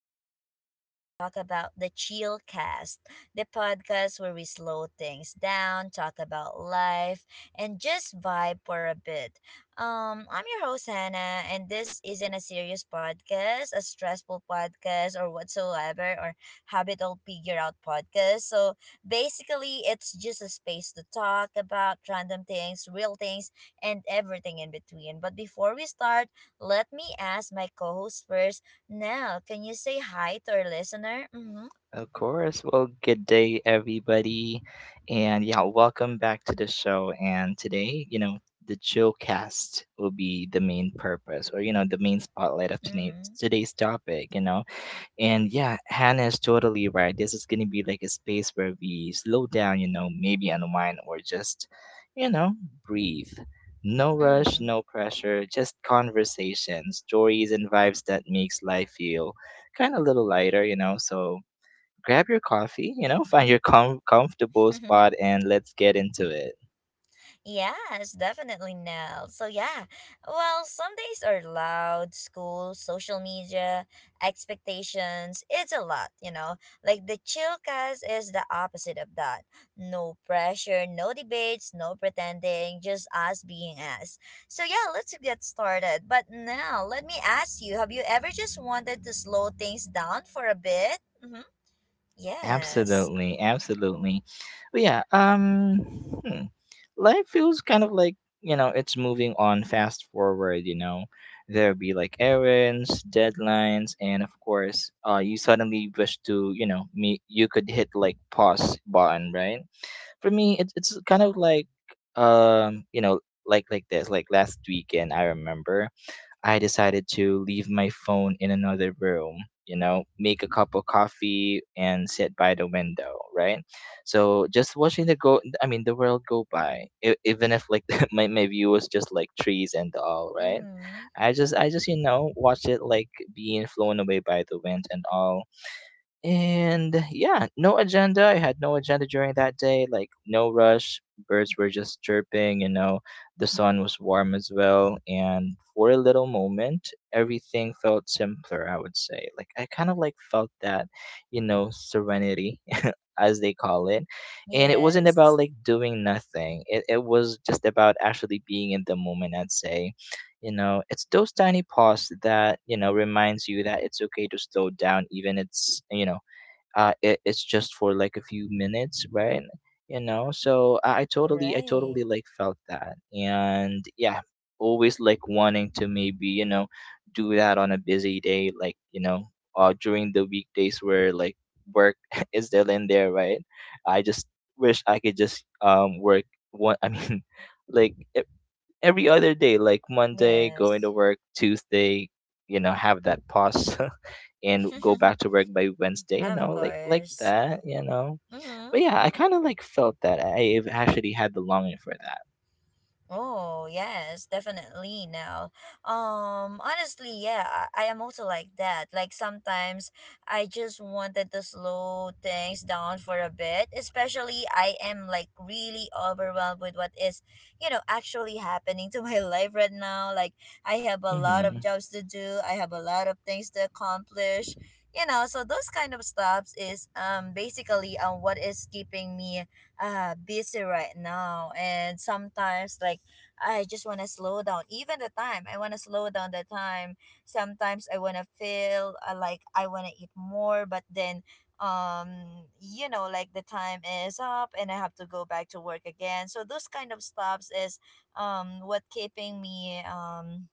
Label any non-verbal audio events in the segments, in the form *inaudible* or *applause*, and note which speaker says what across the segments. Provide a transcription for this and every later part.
Speaker 1: today we're going to talk about the Chill Cast, the podcast where we slow things down, talk about life, and just vibe for a bit. I'm your host Hannah, and this isn't a serious podcast, a stressful podcast, or whatsoever, or habitual figure out podcast. So basically, it's just a space to talk about random things, real things and everything in between. But before we start, let me ask my co host first. Now, can you say hi to our listener? Mm hmm.
Speaker 2: Of course. Well, good day, everybody. And yeah, welcome back to the show. And today, you know, the chill cast will be the main purpose or, you know, the main spotlight of tonight,
Speaker 1: Mm
Speaker 2: today's topic, you know. And yeah, Hannah is totally right. This is going to be like a space where we slow down, you know, maybe unwind or just, you know, breathe. No rush,
Speaker 1: hmm.
Speaker 2: no pressure, just conversation, stories, and vibes that makes life feel kind of a little lighter, you know. So grab your coffee, you know, find your comfortable
Speaker 1: Mm hmm.
Speaker 2: spot
Speaker 1: *laughs*
Speaker 2: and let's get into it.
Speaker 1: Yes, definitely, Nell. So, yeah, well, some days are loud, school, social media, expectations. It's a lot, you know. Like the chill cast is the opposite of that. No pressure, no debates, no pretending, just us being us. So, yeah, let's get started. But now, let me ask you, have you ever just wanted to slow things down for a bit? Mm-hmm. Yes.
Speaker 2: Absolutely, absolutely. But yeah, hmm, life feels kind of like, you know, it's moving on fast forward, you know. There'll be like errands, deadlines, and of course, you suddenly wish to, you know, me you could hit like pause button, right? For me, it's kind of like you know, like this, like last weekend I remember I decided to leave my phone in another room, you know, make a cup of coffee and sit by the window, right? So just watching the world go by, even if like *laughs* my view was just like trees and all, right?
Speaker 1: Mm-hmm.
Speaker 2: I just, you know, watch it like being flown away by the wind and all. And yeah, no agenda. I had no agenda during that day, like no rush. Birds were just chirping, you know. The sun was warm as well. And for a little moment, everything felt simpler, I would say. Like I kind of like felt that, you know, serenity, *laughs* as they call it. And it wasn't about
Speaker 1: Yes.
Speaker 2: like doing nothing. It was just about actually being in the moment, I'd say. You know, it's those tiny pause that, you know, reminds you that it's okay to slow down even it's, you know, it, it's just for like a few minutes, right? You know, so I
Speaker 1: Right.
Speaker 2: totally like felt that. And yeah, always like wanting to maybe, you know, do that on a busy day, like, you know, during the weekdays where like work *laughs* is still in there, right? I just wish I could just work one I mean *laughs* like e- every other day, like Monday, going to
Speaker 1: Yes.
Speaker 2: work, Tuesday, you know, have that pause *laughs* and go
Speaker 1: *laughs*
Speaker 2: back to work by Wednesday, you
Speaker 1: Of
Speaker 2: know, like
Speaker 1: course.
Speaker 2: that, you know.
Speaker 1: Mm-hmm.
Speaker 2: But yeah, I kind of like felt that. Have actually had the longing for that.
Speaker 1: Oh, yes, definitely now. Honestly, yeah, I am also like that. Like sometimes I just wanted to slow things down for a bit, especially I am like really overwhelmed with what is, you know, actually happening to *laughs* my life right now. Like I have a lot
Speaker 2: Mhm.
Speaker 1: of jobs to do, I have a lot of things to accomplish. You know, so those kind of stops is basically what is keeping me busy right now. And sometimes like I just want to slow down. Even the time, I want to slow down the time. Sometimes I want to feel like I want to eat more, but then um you know, like the time is up and I have to go back to work again. So those kind of stops is what keeping me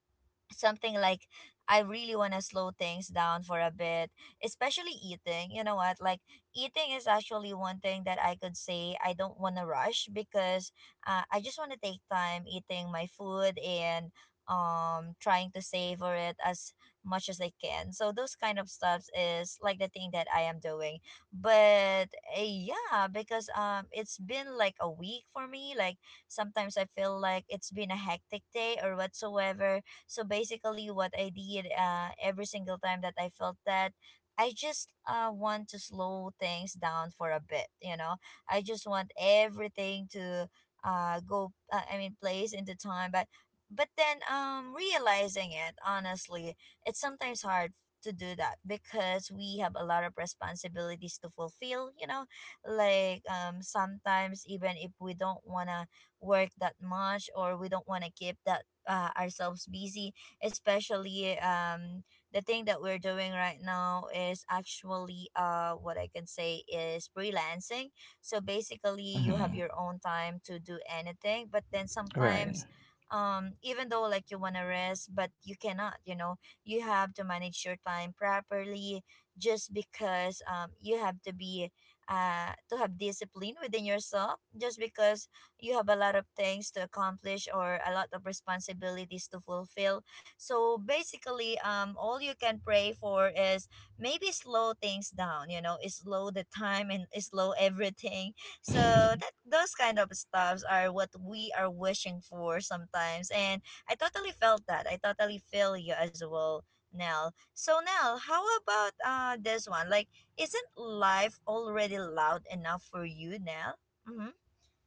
Speaker 1: something like, I really want to slow things down for a bit, especially eating. You know what? Like eating is actually one thing that I could say I don't want to rush, because I just want to take time eating my food and trying to savor it as much as I can. So those kind of stuffs is like the thing that I am doing. But yeah, because it's been like a week for me. Like sometimes I feel like it's been a hectic day or whatsoever. So basically, what I did every single time that I felt that, I just want to slow things down for a bit, you know? I just want everything to I mean, place into time. But then realizing it, honestly it's sometimes hard to do that, because we have a lot of responsibilities to fulfill, you know, like sometimes even if we don't want to work that much, or we don't want to keep that ourselves busy, especially the thing that we're doing right now is actually what I can say is freelancing. So basically you have
Speaker 2: Mhm.
Speaker 1: your own time to do anything, but then
Speaker 2: Right.
Speaker 1: sometimes even though like you want to rest but you cannot, you know, you have to manage your time properly, just because you have to be to have discipline within yourself, just because you have a lot of things to accomplish or a lot of responsibilities to fulfill. So basically all you can pray for is maybe slow things down, you know, is slow the time and is slow everything, so that
Speaker 2: *laughs*
Speaker 1: those kind of stuffs are what we are wishing for sometimes. And i totally felt that, I totally feel you as well, Nell. So Nell, how about this one, like isn't life already loud enough for you, Nell? Mm-hmm.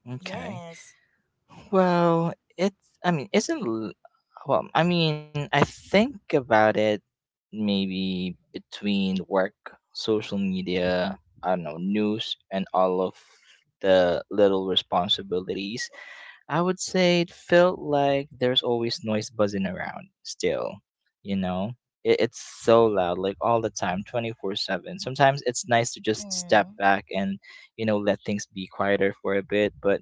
Speaker 2: Okay.
Speaker 1: Yes.
Speaker 2: Well, it's, I mean, isn't l- well, I mean, I think about it, maybe between work, social media, I don't know, news, and all of the little responsibilities, I would say it felt like there's always noise buzzing around still, you know? It's so loud, like all the time, 24/7. Sometimes it's nice to just step
Speaker 1: Mm.
Speaker 2: back and, you know, let things be quieter for a bit. But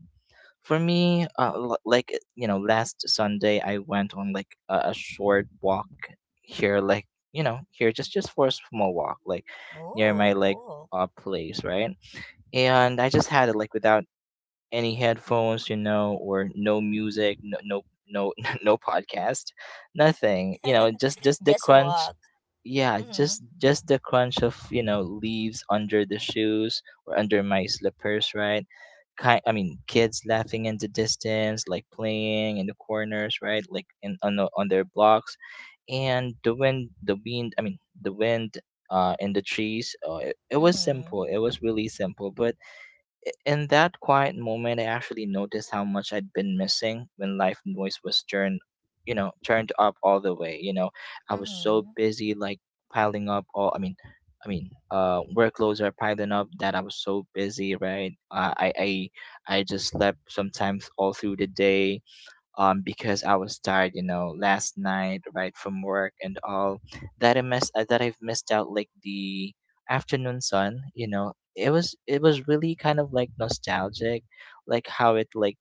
Speaker 2: for me, like, you know, last Sunday I went on like a short walk here, like, you know, here just for a small walk, like near my
Speaker 1: Oh,
Speaker 2: like
Speaker 1: cool.
Speaker 2: place, right? And I just had it like without any headphones, you know, or no music, no *laughs* no podcast, nothing. You know,
Speaker 1: *laughs*
Speaker 2: just the
Speaker 1: Just
Speaker 2: crunch.
Speaker 1: walk.
Speaker 2: Yeah,
Speaker 1: Mhm.
Speaker 2: just the crunch of, you know, leaves under the shoes or under my slippers, right? Kids laughing in the distance, like playing in the corners, right? Like in on the, on their blocks, and the wind in the trees. It was simple.
Speaker 1: Mhm.
Speaker 2: It was really simple, but in that quiet moment, I actually noticed how much I'd been missing when life noise was turned, you know, turned up all the way. You know, I was so
Speaker 1: Mhm.
Speaker 2: busy, like piling up all. I mean, workloads are piling up that I was so busy, right? I I just slept sometimes all through the day, because I was tired, you know, last night, right from work and all, that I missed that I've missed out like the afternoon sun. You know, it was really kind of like nostalgic, like how it like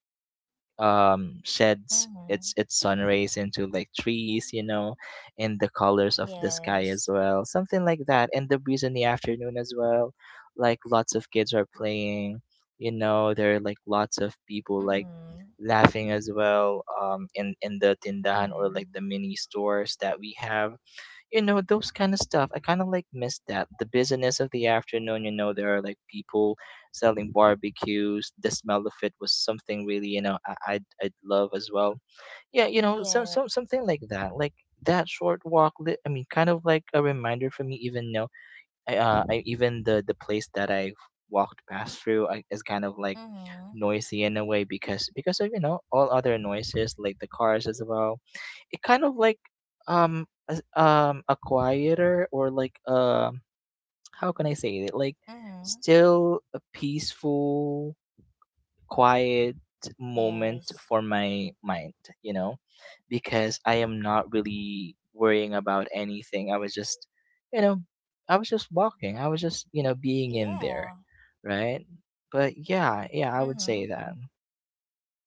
Speaker 2: sheds
Speaker 1: Mhm.
Speaker 2: its sun rays into like trees, you know, and the colors of the sky as
Speaker 1: Yes.
Speaker 2: well, something like that, and the breeze in the afternoon as well. Like lots of kids are playing, you know, there are like lots of people like
Speaker 1: Mhm.
Speaker 2: laughing as well, in the tindahan or like
Speaker 1: Mhm.
Speaker 2: the mini stores that we have, you know. Those kind of stuff, I kind of like miss that, the busyness of the afternoon, you know. There are like people selling barbecues, the smell of it was something really, you know, I'd love as well. Yeah, you know,
Speaker 1: Yeah.
Speaker 2: some something like that. Like that short walk, kind of like a reminder for me. Even I even the place that I walked past through, is kind of like
Speaker 1: Mhm.
Speaker 2: noisy in a way, because of, you know, all other noises like the cars as well. It kind of like, a quieter, or like, how can I say it, like
Speaker 1: Mhm.
Speaker 2: still a peaceful, quiet moment
Speaker 1: Yes.
Speaker 2: for my mind, you know, because I am not really worrying about anything. I was just, you know, I was just walking. I was just, you know, being in there,
Speaker 1: Yeah.
Speaker 2: right? But yeah, yeah, I would say
Speaker 1: Mhm.
Speaker 2: that.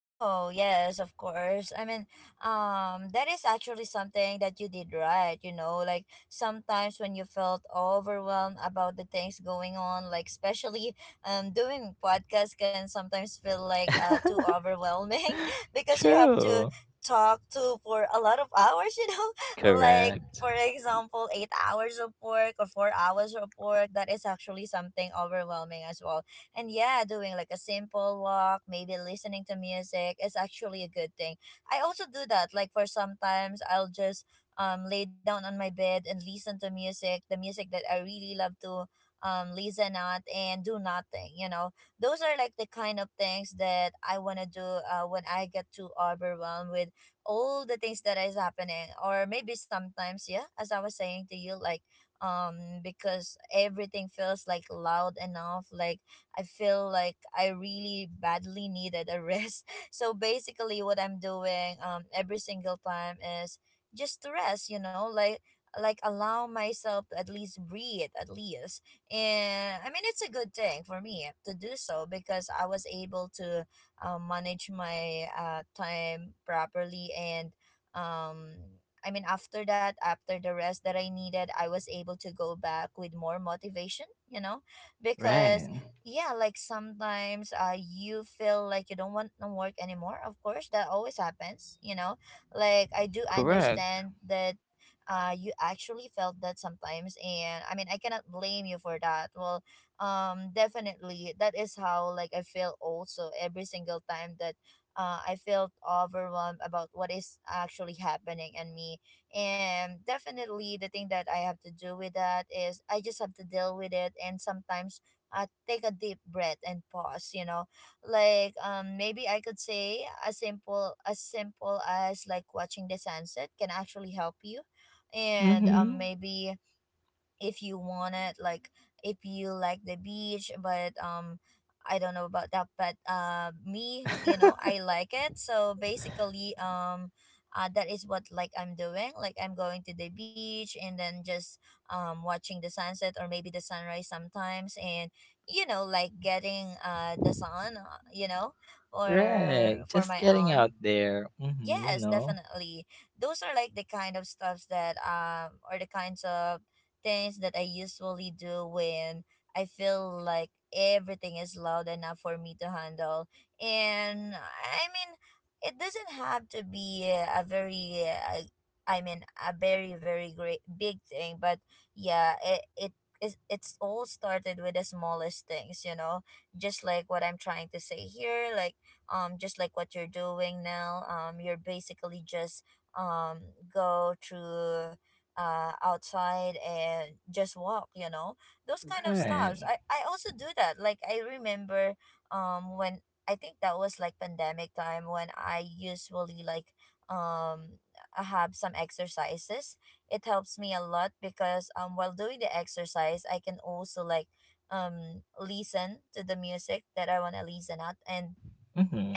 Speaker 1: Oh, yes, of course. I mean, that is actually something that you did right, you know, like sometimes when you felt overwhelmed about the things going on, like especially doing podcast can sometimes feel like too
Speaker 2: *laughs*
Speaker 1: overwhelming *laughs* because you have to
Speaker 2: True.
Speaker 1: talk to for a lot of hours, you know? *laughs* Like for
Speaker 2: Correct.
Speaker 1: example, 8 hours of work or 4 hours of work, that is actually something overwhelming as well. And yeah, doing like a simple walk, maybe listening to music is actually a good thing. I also do that. Like for sometimes I'll just lay down on my bed and listen to music, the music that I really love to listen at and do nothing, you know. Those are like the kind of things that I want to do when I get too overwhelmed with all the things that is happening, or maybe sometimes yeah, as I was saying to you like because everything feels like loud enough, like I feel like I really badly needed a rest. *laughs* So basically, what I'm doing every single time is just to rest. You know, like allow myself to at least breathe at least. And I mean, it's a good thing for me to do so, because I was able to manage my time properly. And um I mean, after that, after the rest that I needed, I was able to go back with more motivation, you know, because
Speaker 2: Right.
Speaker 1: yeah, like sometimes you feel like you don't want to work anymore. Of course that always happens, you know, like I do
Speaker 2: Correct.
Speaker 1: understand that you actually felt that sometimes, and I mean I cannot blame you for that. Well, definitely that is how like I feel also every single time that I felt overwhelmed about what is actually happening in me. And definitely, the thing that I have to do with that is I just have to deal with it. And sometimes take a deep breath and pause, you know, like maybe I could say as simple, as simple as like watching the sunset can actually help you. And
Speaker 2: Mhm.
Speaker 1: maybe if you want it like, if you like the beach, but I don't know about that. But me, you know, I like it. So basically that is what like I'm doing, like I'm going to the beach and then just watching the sunset or maybe the sunrise sometimes. And you know, like getting the sun, you know,
Speaker 2: Right.
Speaker 1: for
Speaker 2: Just
Speaker 1: my
Speaker 2: getting
Speaker 1: own.
Speaker 2: out there. Mhm, you
Speaker 1: Yes,
Speaker 2: know.
Speaker 1: definitely. Those are like the kind of stuffs that or the kinds of things that I usually do when I feel like everything is loud enough for me to handle. And I mean, it doesn't have to be a very I mean a very great big thing, but yeah, it's all started with the smallest things, you know, just like what I'm trying to say here, like just like what you're doing now. You're basically just um, go through outside and just walk, you know, those kind of stops.
Speaker 2: Right.
Speaker 1: I also do that. Like I remember when I think that was like pandemic time, when I usually like um, have some exercises. It helps me a lot because while doing the exercise, I can also like listen to the music that I want to listen at. And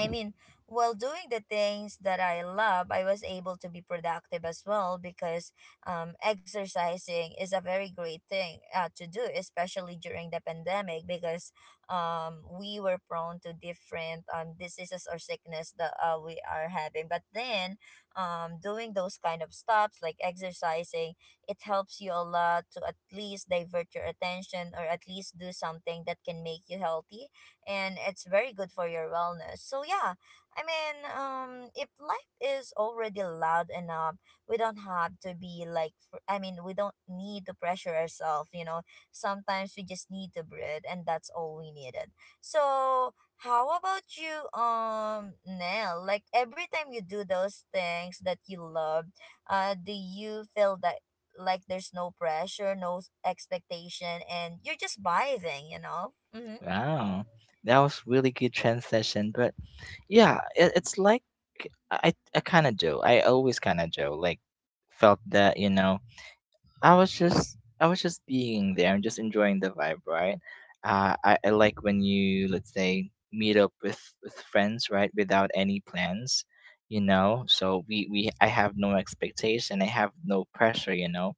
Speaker 1: I mean, while doing the things that I love, I was able to be productive as well, because exercising is a very great thing to do, especially during the pandemic, because we were prone to different diseases or sickness that we are having. But then doing those kind of stops like exercising, it helps you a lot to at least divert your attention or at least do something that can make you healthy, and it's very good for your wellness. So yeah, I mean, if life is already loud enough, we don't have to be like, we don't need to pressure ourselves. You know, sometimes we just need to breathe, and that's all we needed. So how about you, Nell? Like every time you do those things that you love, do you feel that, like there's no pressure, no expectation, and you're just vibing, you know? Mm-hmm.
Speaker 2: Wow, that was really good transition. But yeah, it, it's like I kind of do. I always kind of do. Like felt that, you know, I was just being there and just enjoying the vibe, right? I like when you, let's say, meet up with friends, right, without any plans, you know. So we I have no expectation, I have no pressure, you know,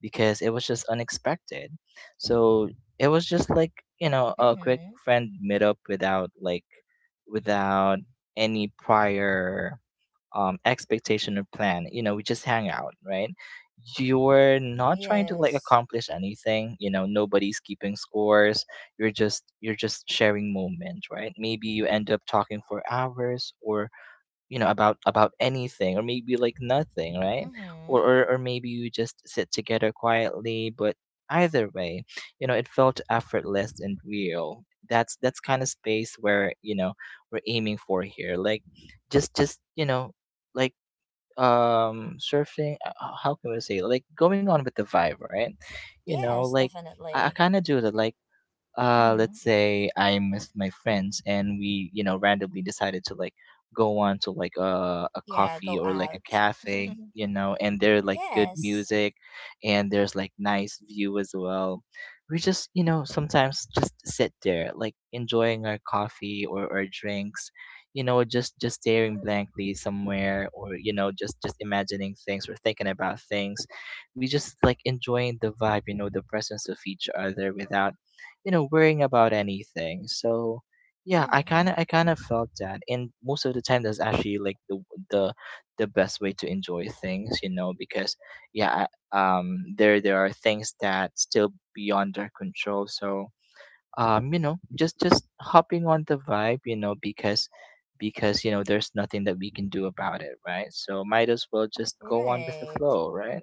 Speaker 2: because it was just unexpected. So it was just like, you know, a quick
Speaker 1: Mm-hmm.
Speaker 2: friend meetup without any prior expectation or plan. You know, we just hang out, right? You're not trying to like
Speaker 1: Yes.
Speaker 2: accomplish anything. You know, nobody's keeping scores. You're just sharing moments, right? Maybe you end up talking for hours, or, you know, about anything, or maybe like nothing, right?
Speaker 1: Mm-hmm.
Speaker 2: Or maybe you just sit together quietly, but either way, you know, it felt effortless and real. That's kind of space where, you know, we're aiming for here, like just you know, like surfing, how can we say, like going on with the vibe, right? You know,
Speaker 1: Yes,
Speaker 2: like I
Speaker 1: definitely.
Speaker 2: kind of do that. Like,
Speaker 1: Mm-hmm.
Speaker 2: let's say I'm with my friends and we, you know, randomly decided to like go on to like a
Speaker 1: Yeah,
Speaker 2: coffee
Speaker 1: go
Speaker 2: or like a
Speaker 1: out. *laughs*
Speaker 2: cafe, you know, and there are like good
Speaker 1: Yes.
Speaker 2: music and there's like nice view as well. We just, you know, sometimes just sit there like enjoying our coffee or our drinks, you know, just staring blankly somewhere, or, you know, just imagining things or thinking about things. We just like enjoying the vibe, you know, the presence of each other without, you know, worrying about anything. So yeah,
Speaker 1: Mm-hmm.
Speaker 2: I kind of felt that. And most of the time, that's actually like the the best way to enjoy things, you know, because yeah, there there are things that still beyond our control. So you know, just hopping on the vibe, you know, because, you know, there's nothing that we can do about it, right? So might as well just go on with the
Speaker 1: Right.
Speaker 2: flow, right?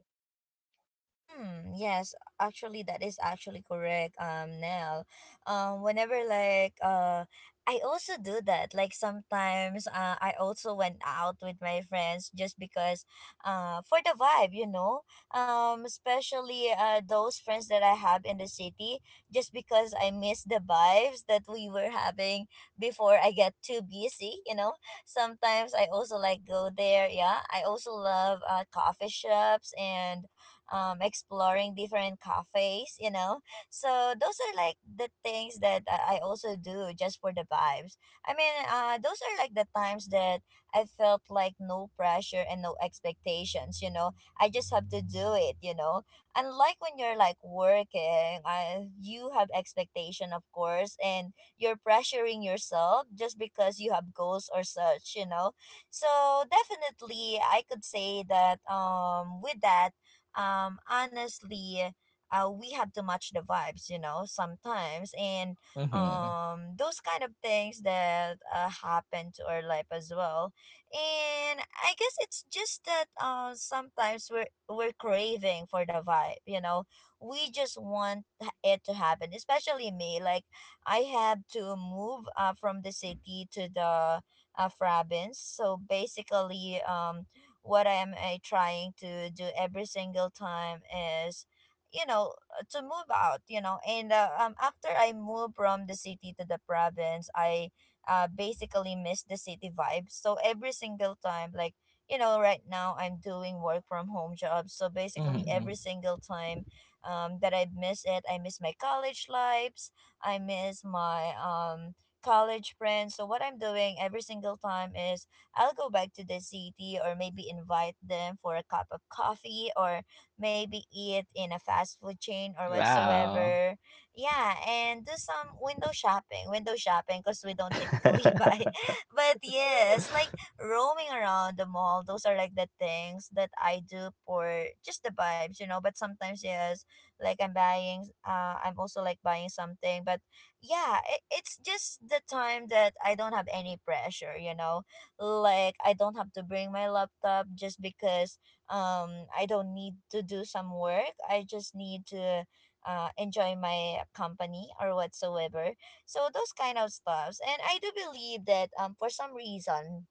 Speaker 1: Mm, yes, actually, that is actually correct. Nell, whenever like I also do that. Like sometimes, I also went out with my friends just because, for the vibe, you know. Especially those friends that I have in the city, just because I miss the vibes that we were having before I get too busy, you know. Sometimes I also like go there. Yeah, I also love coffee shops and exploring different cafes, you know. So those are like the things that I also do just for the vibes. I mean, those are like the times that I felt like no pressure and no expectations. I just have to do it. Unlike when you're like working, you have expectation, of course, and you're pressuring yourself just because you have goals or such. So definitely, I could say that, with that, honestly, we have to match the vibes, sometimes. And
Speaker 2: Mm-hmm,
Speaker 1: those kind of things that happen to our life as well. And I guess it's just that sometimes we're craving for the vibe. We just want it to happen, especially me. Like, I have to move, from the city to the, province. So basically, what I am, trying to do every single time is, you know to move out. And after I moved from the city to the province, I basically miss the city vibe. So every single time, like, right now I'm doing work from home jobs. So basically
Speaker 2: mm-hmm.
Speaker 1: every single time that I miss it, I miss my college lives. I miss my college friends. So what I'm doing every single time is I'll go back to the city, or maybe invite them for a cup of coffee, or maybe eat in a fast food chain or
Speaker 2: Wow.
Speaker 1: whatsoever. Yeah, and do some window shopping because we don't
Speaker 2: *laughs*
Speaker 1: typically *laughs* buy. But yes, like roaming around the mall, those are like the things that I do for just the vibes. But sometimes, yes, like I'm buying, I'm also like buying something, but yeah, it's just the time that I don't have any pressure, like I don't have to bring my laptop just because I don't need to do some work. I just need to enjoy my company or whatsoever. So those kind of stuffs. And I do believe that for some reason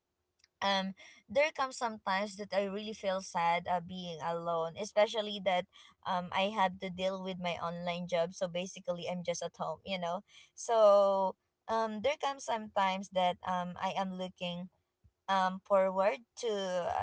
Speaker 1: um there comes sometimes that I really feel sad, being alone, especially that I have to deal with my online job. So basically I'm just at home. So there comes sometimes that I am looking forward to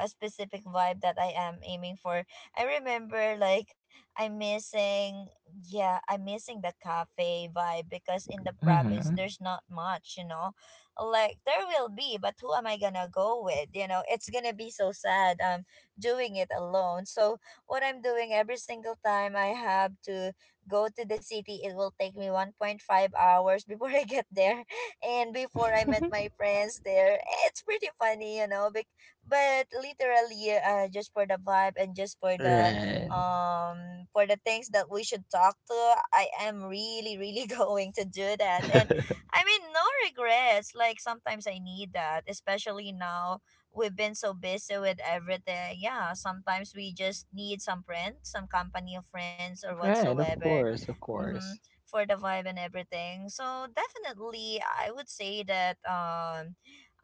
Speaker 1: a specific vibe that I am aiming for. I remember, like, I'm missing yeah, I'm missing the cafe vibe because in the province
Speaker 2: Mm-hmm.
Speaker 1: there's not much. Like there will be, but who am I gonna go with? It's gonna be so sad, doing it alone. So what I'm doing every single time I have to go to the city, it will take me 1.5 hours *laughs* before I get there and before I met my
Speaker 2: *laughs*
Speaker 1: friends there, it's pretty funny. But literally, just for the vibe and just for the,
Speaker 2: Right.
Speaker 1: for the things that we should talk to, I am really really *laughs* going to do that. And
Speaker 2: *laughs*
Speaker 1: I mean, no regrets. Like sometimes I need that, especially now we've been so busy with everything. Yeah, sometimes we just need some friends, some company of friends or
Speaker 2: Right, of
Speaker 1: whatsoever.
Speaker 2: course, of
Speaker 1: Mm-hmm.
Speaker 2: course.
Speaker 1: For the vibe and everything. So definitely, I would say that,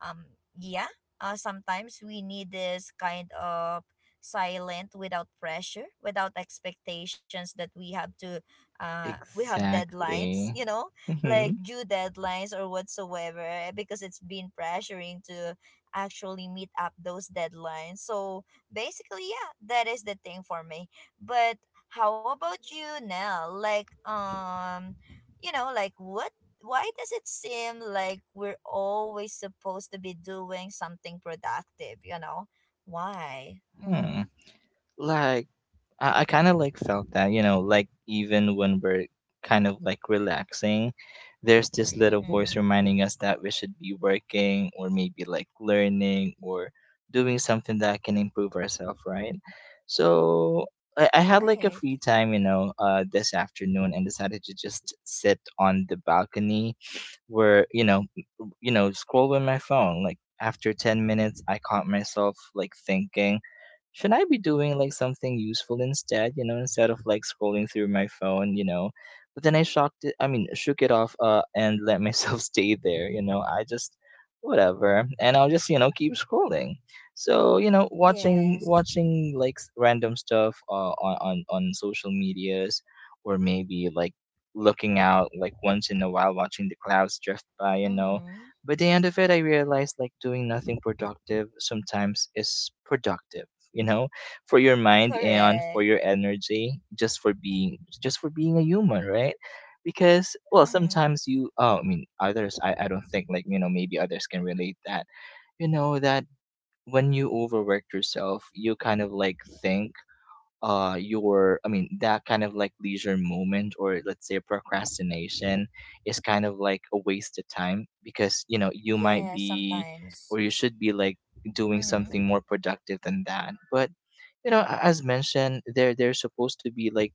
Speaker 1: um, yeah, sometimes we need this kind of silent without pressure without expectations that we have deadlines
Speaker 2: Exactly.
Speaker 1: you know like
Speaker 2: Mm-hmm.
Speaker 1: due deadlines or whatsoever, because it's been pressuring to actually meet up those deadlines. So basically, yeah, that is the thing for me. But how about you, now? Like, like what? Why does it seem like we're always supposed to be doing something productive? Why?
Speaker 2: Hmm.
Speaker 1: Mm-hmm.
Speaker 2: Like I kind of like felt that, you know, like even when we're kind of like relaxing, there's this little voice
Speaker 1: Mm-hmm.
Speaker 2: reminding us that we should be working, or maybe like learning, or doing something that can improve ourselves, right? So I had like a
Speaker 1: Right.
Speaker 2: free time, you know, this afternoon, and decided to just sit on the balcony where, you know, scrolling my phone. Like after 10 minutes, I caught myself like thinking, should I be doing like something useful instead, you know, instead of like scrolling through my phone, you know? But then I shocked it, I mean, shook it off, *laughs* and let myself *laughs* stay there, you know? I just, whatever. And I'll just, you know, keep scrolling. So, you know, watching,
Speaker 1: Yes.
Speaker 2: watching like random stuff on social medias, or maybe like looking out, like once in a while, watching the clouds drift by, you know.
Speaker 1: Mm-hmm.
Speaker 2: By the end of it, I realized like doing nothing productive sometimes is productive, you know, for your mind and for
Speaker 1: Correct.
Speaker 2: your energy, just for being a human, right? Because well,
Speaker 1: Mm-hmm.
Speaker 2: sometimes you, oh, I mean, others, I don't think like, you know, maybe others can relate that, you know, that when you overwork yourself, you kind of like think your I mean that kind of like leisure moment, or let's say procrastination, is kind of like a waste of time, because you know you might
Speaker 1: Yeah.
Speaker 2: be, or
Speaker 1: Sometimes.
Speaker 2: you should be like doing
Speaker 1: Mm-hmm.
Speaker 2: something more productive than that. But you know, as mentioned, there's supposed to be like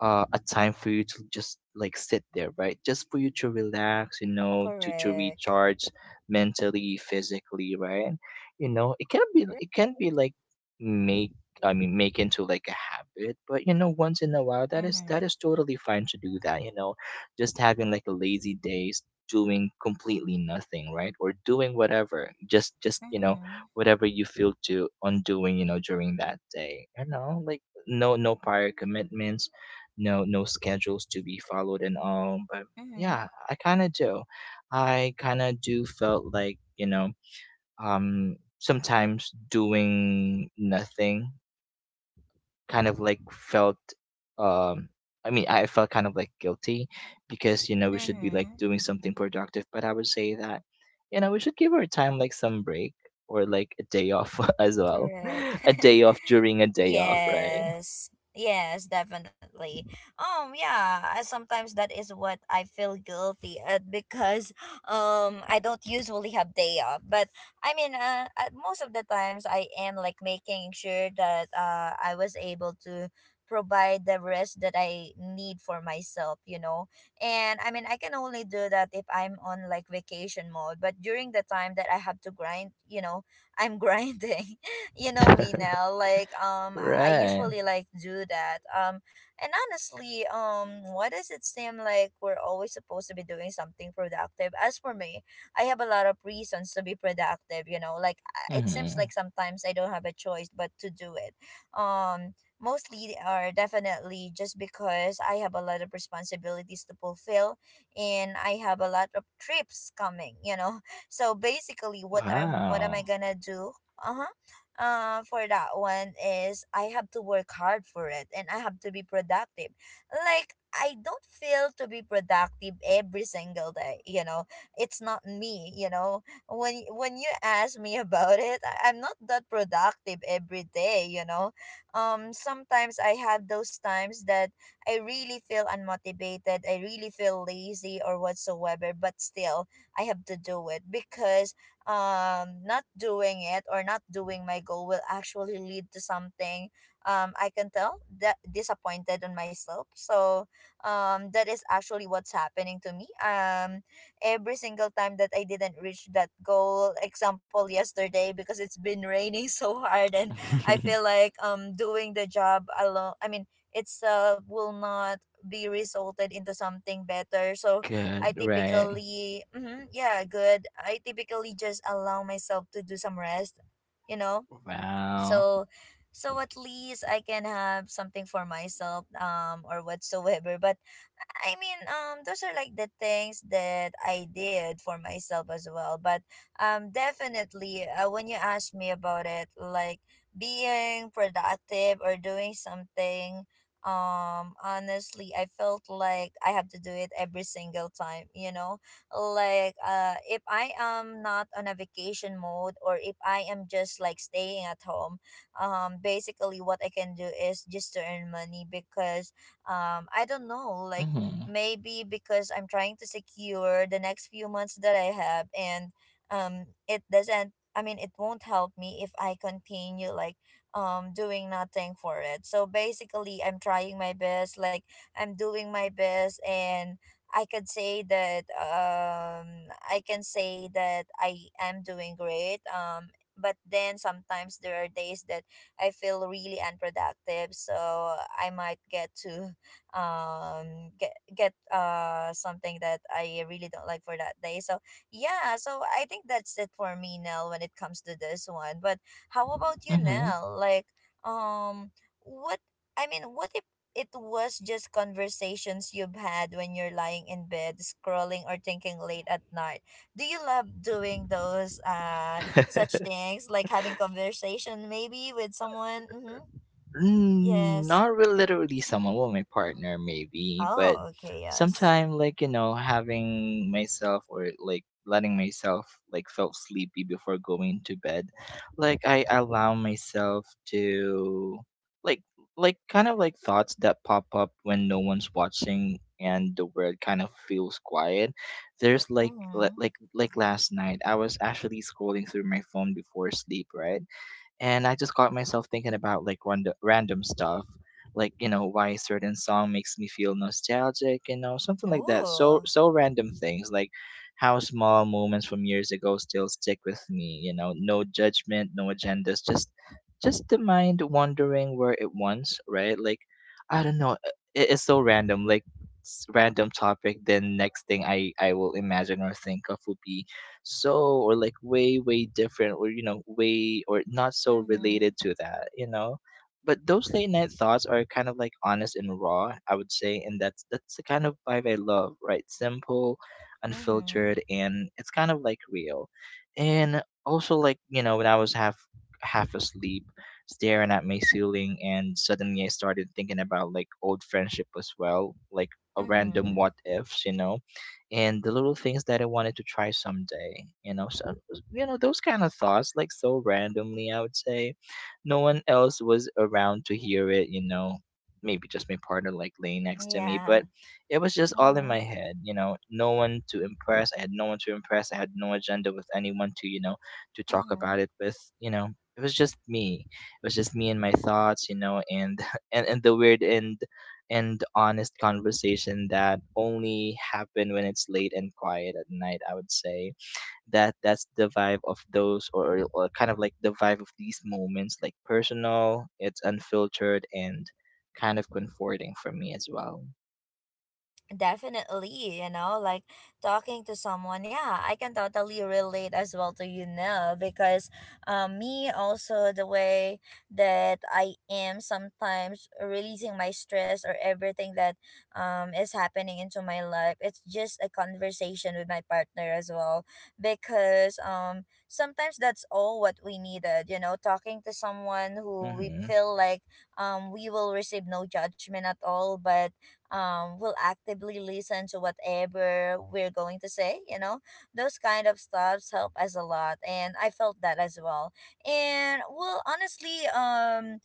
Speaker 2: a time for you to just like sit there, right? Just for you to relax, you know, to
Speaker 1: Correct.
Speaker 2: recharge mentally, physically, right? You know, it can be like make I mean make into like a habit, but you know, once in a while, that is
Speaker 1: Mm-hmm.
Speaker 2: that is totally fine to do that, you know. Just having like a lazy days, doing completely nothing, right? Or doing whatever. Just, you know,
Speaker 1: Mm-hmm.
Speaker 2: whatever you feel to on doing, you know, during that day. You know, like no prior commitments, no schedules to be followed and all. But
Speaker 1: Mm-hmm.
Speaker 2: yeah, I kind of do felt like, you know, sometimes doing nothing kind of like felt, um I mean, I felt kind of like guilty, because you know we should be like
Speaker 1: Mm-hmm.
Speaker 2: doing something productive. But I would say that, you know, we should give our time like some break or like a day off *laughs* as well.
Speaker 1: Correct.
Speaker 2: *laughs* A
Speaker 1: *laughs*
Speaker 2: day off during a day off, right?
Speaker 1: Yes. Yes, definitely. Yeah, sometimes that is what I feel guilty at because *laughs* I don't usually have day off, but I mean, at most of the times I am like making sure that I was able to provide the rest that I need for myself. And I mean I can only do that if I'm on like vacation mode, but during the time that I have to grind, I'm *laughs* grinding, you know me now. Like, I
Speaker 2: Right.
Speaker 1: usually like do that. And honestly, why does it seem like we're always supposed to be doing something productive? As for me, I have a lot of reasons to be productive. Like, it seems
Speaker 2: Hmm.
Speaker 1: like sometimes I don't have a choice but to do it. Um. Mostly are definitely just because I have a lot of responsibilities to fulfill and I have a lot of trips coming. *laughs* So basically what am I
Speaker 2: Wow.
Speaker 1: gonna do? Uh-huh. For that one is I have to work hard for it and I have to be productive. Like, I don't feel to be productive every single day. It's not me. When you ask me *laughs* about it, I'm not that productive every day. Sometimes I have those times that I really feel unmotivated, I really feel lazy or whatsoever, but still I have to do it because not doing it or not doing my goal will actually lead to something. I can tell that disappointed on myself. So that is actually what's happening to me every single time that I didn't reach that goal. Example, yesterday because it's been raining *laughs* so hard and I feel
Speaker 2: *laughs*
Speaker 1: like doing the job alone, I mean, it's will not be resulted into something better. So I
Speaker 2: Good, right.
Speaker 1: typically, hmm, yeah, good. I typically just allow myself to do some rest, you know.
Speaker 2: Wow.
Speaker 1: So, so, at least I can have something for myself, or whatsoever. But I mean, those are like the things that I did for myself as well. But, definitely, when you ask me about it, like being productive or doing something, honestly, I felt like I have to do it every single time. Like, if I am not on a vacation mode or if I am just like staying at home, basically what I can do is just to earn money because I don't know, like,
Speaker 2: Mm-hmm.
Speaker 1: maybe because I'm trying to secure the next few months that I have, and it doesn't I mean it won't help me if I continue like doing nothing for it. So basically I'm trying my best, like I'm doing my best, and I could say that, I can say that I am doing great. But then sometimes there are days that I feel really unproductive, so I might get to get something that I really don't like for that day. So yeah, so I think that's it for me, Nell, when it comes to this one. But how about you,
Speaker 2: Mm-hmm.
Speaker 1: Nell? Like, um, what I mean, what if it was just conversations you've had when you're lying in bed, scrolling or thinking late at night? Do you love doing those such
Speaker 2: *laughs*
Speaker 1: things, like having conversation maybe with someone? Mm-hmm.
Speaker 2: Mm,
Speaker 1: Yes.
Speaker 2: not really literally someone, well, my partner maybe. But
Speaker 1: Oh, okay. Yes.
Speaker 2: sometime, like you know, having myself, or like letting myself like felt sleepy before going to bed, like I allow myself to, like kind of like thoughts that pop up when no one's watching and the world kind of feels quiet. There's like li-
Speaker 1: Mm-hmm.
Speaker 2: like like last night I was actually scrolling through my phone before sleep, right? And I just caught myself thinking about like random stuff, like you know why a certain song makes me feel nostalgic, you know, something like that. So,
Speaker 1: Ooh.
Speaker 2: so random things, like how small moments from years ago still stick with me. You know, no judgment, no agendas, just the mind wandering where it wants, right? Like I don't know, it's so random. Like random topic, then next thing I will imagine or think of would be so, or like way different, or you know, way or not so
Speaker 1: Mhm.
Speaker 2: related to that, you know. But those late night thoughts are kind of like honest and raw, I would say, and that's the kind of vibe I love, right? Simple,
Speaker 1: Mhm.
Speaker 2: unfiltered, and it's kind of like real. And also like, you know, when I was half asleep staring at my ceiling, and suddenly I started thinking about like old friendship as well, like a random
Speaker 1: Mhm.
Speaker 2: what ifs, you know, and the little things that I wanted to try someday. You know, so you know those kind of thoughts, like so randomly. I would say, no one else was around to hear it. You know, maybe just my partner, like laying next to me,
Speaker 1: Yeah.
Speaker 2: but it was just all in my
Speaker 1: Mhm.
Speaker 2: head. You know, no one to impress. I had no one to impress. I had no agenda with anyone to, you know, to talk about
Speaker 1: Mhm.
Speaker 2: it with. You know. It was just me. It was just me and my thoughts, you know, and *laughs* and the weird and honest conversation that only happen when it's late and quiet at night, I would say. That's the vibe of those, or kind of like the vibe of these moments, like personal, it's unfiltered and kind of comforting for me as well.
Speaker 1: Definitely, like talking to someone. Yeah, I can totally relate as well to you now because, me also, the way that I am sometimes releasing my stress or everything that, is happening into my life, it's just a conversation with my partner as well because, sometimes that's all what we needed, talking to someone who we
Speaker 2: Mm-hmm.
Speaker 1: feel like, we will receive no judgment at all, but, will actively listen to whatever we're going to say, those kind of stuffs help us a lot. And I felt that as well. And well, honestly,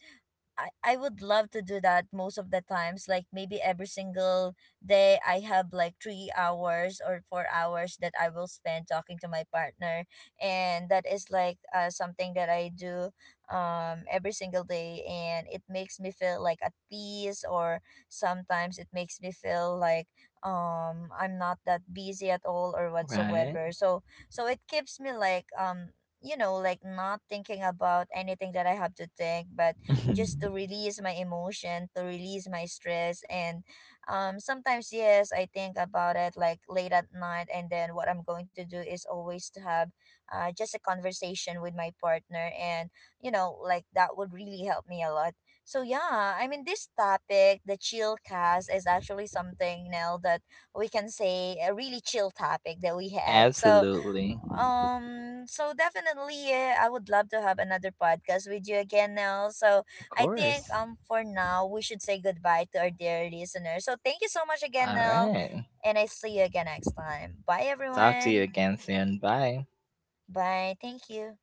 Speaker 1: I would love to do that most of the times, like maybe every single day I have like 3 hours or 4 hours that I will spend talking to my partner, and that is like, something that I do, every single day, and it makes me feel like at peace or sometimes it makes me feel like, I'm not that busy at all or
Speaker 2: Right.
Speaker 1: whatsoever. So it keeps me like, like not thinking about anything that I have to think, but just to release my emotion, to release my stress. And, sometimes, yes, I think about it like late at night. And then what I'm going to do is always to have, just a conversation with my partner. And, like that would really help me a lot. So, yeah, I mean, this topic, the chill cast, is actually something now that we can say a really chill topic that we
Speaker 2: *laughs*
Speaker 1: had. So,
Speaker 2: Absolutely.
Speaker 1: so definitely, I would love to have another podcast with you again, Nell. So
Speaker 2: Of
Speaker 1: I think
Speaker 2: course.
Speaker 1: for now we should say goodbye to our dear listeners. So thank you so much again,
Speaker 2: All
Speaker 1: Nell,
Speaker 2: right.
Speaker 1: and I see you again next time. Bye,
Speaker 2: Talk to you
Speaker 1: everyone.
Speaker 2: again soon. Bye.
Speaker 1: Bye. Thank you.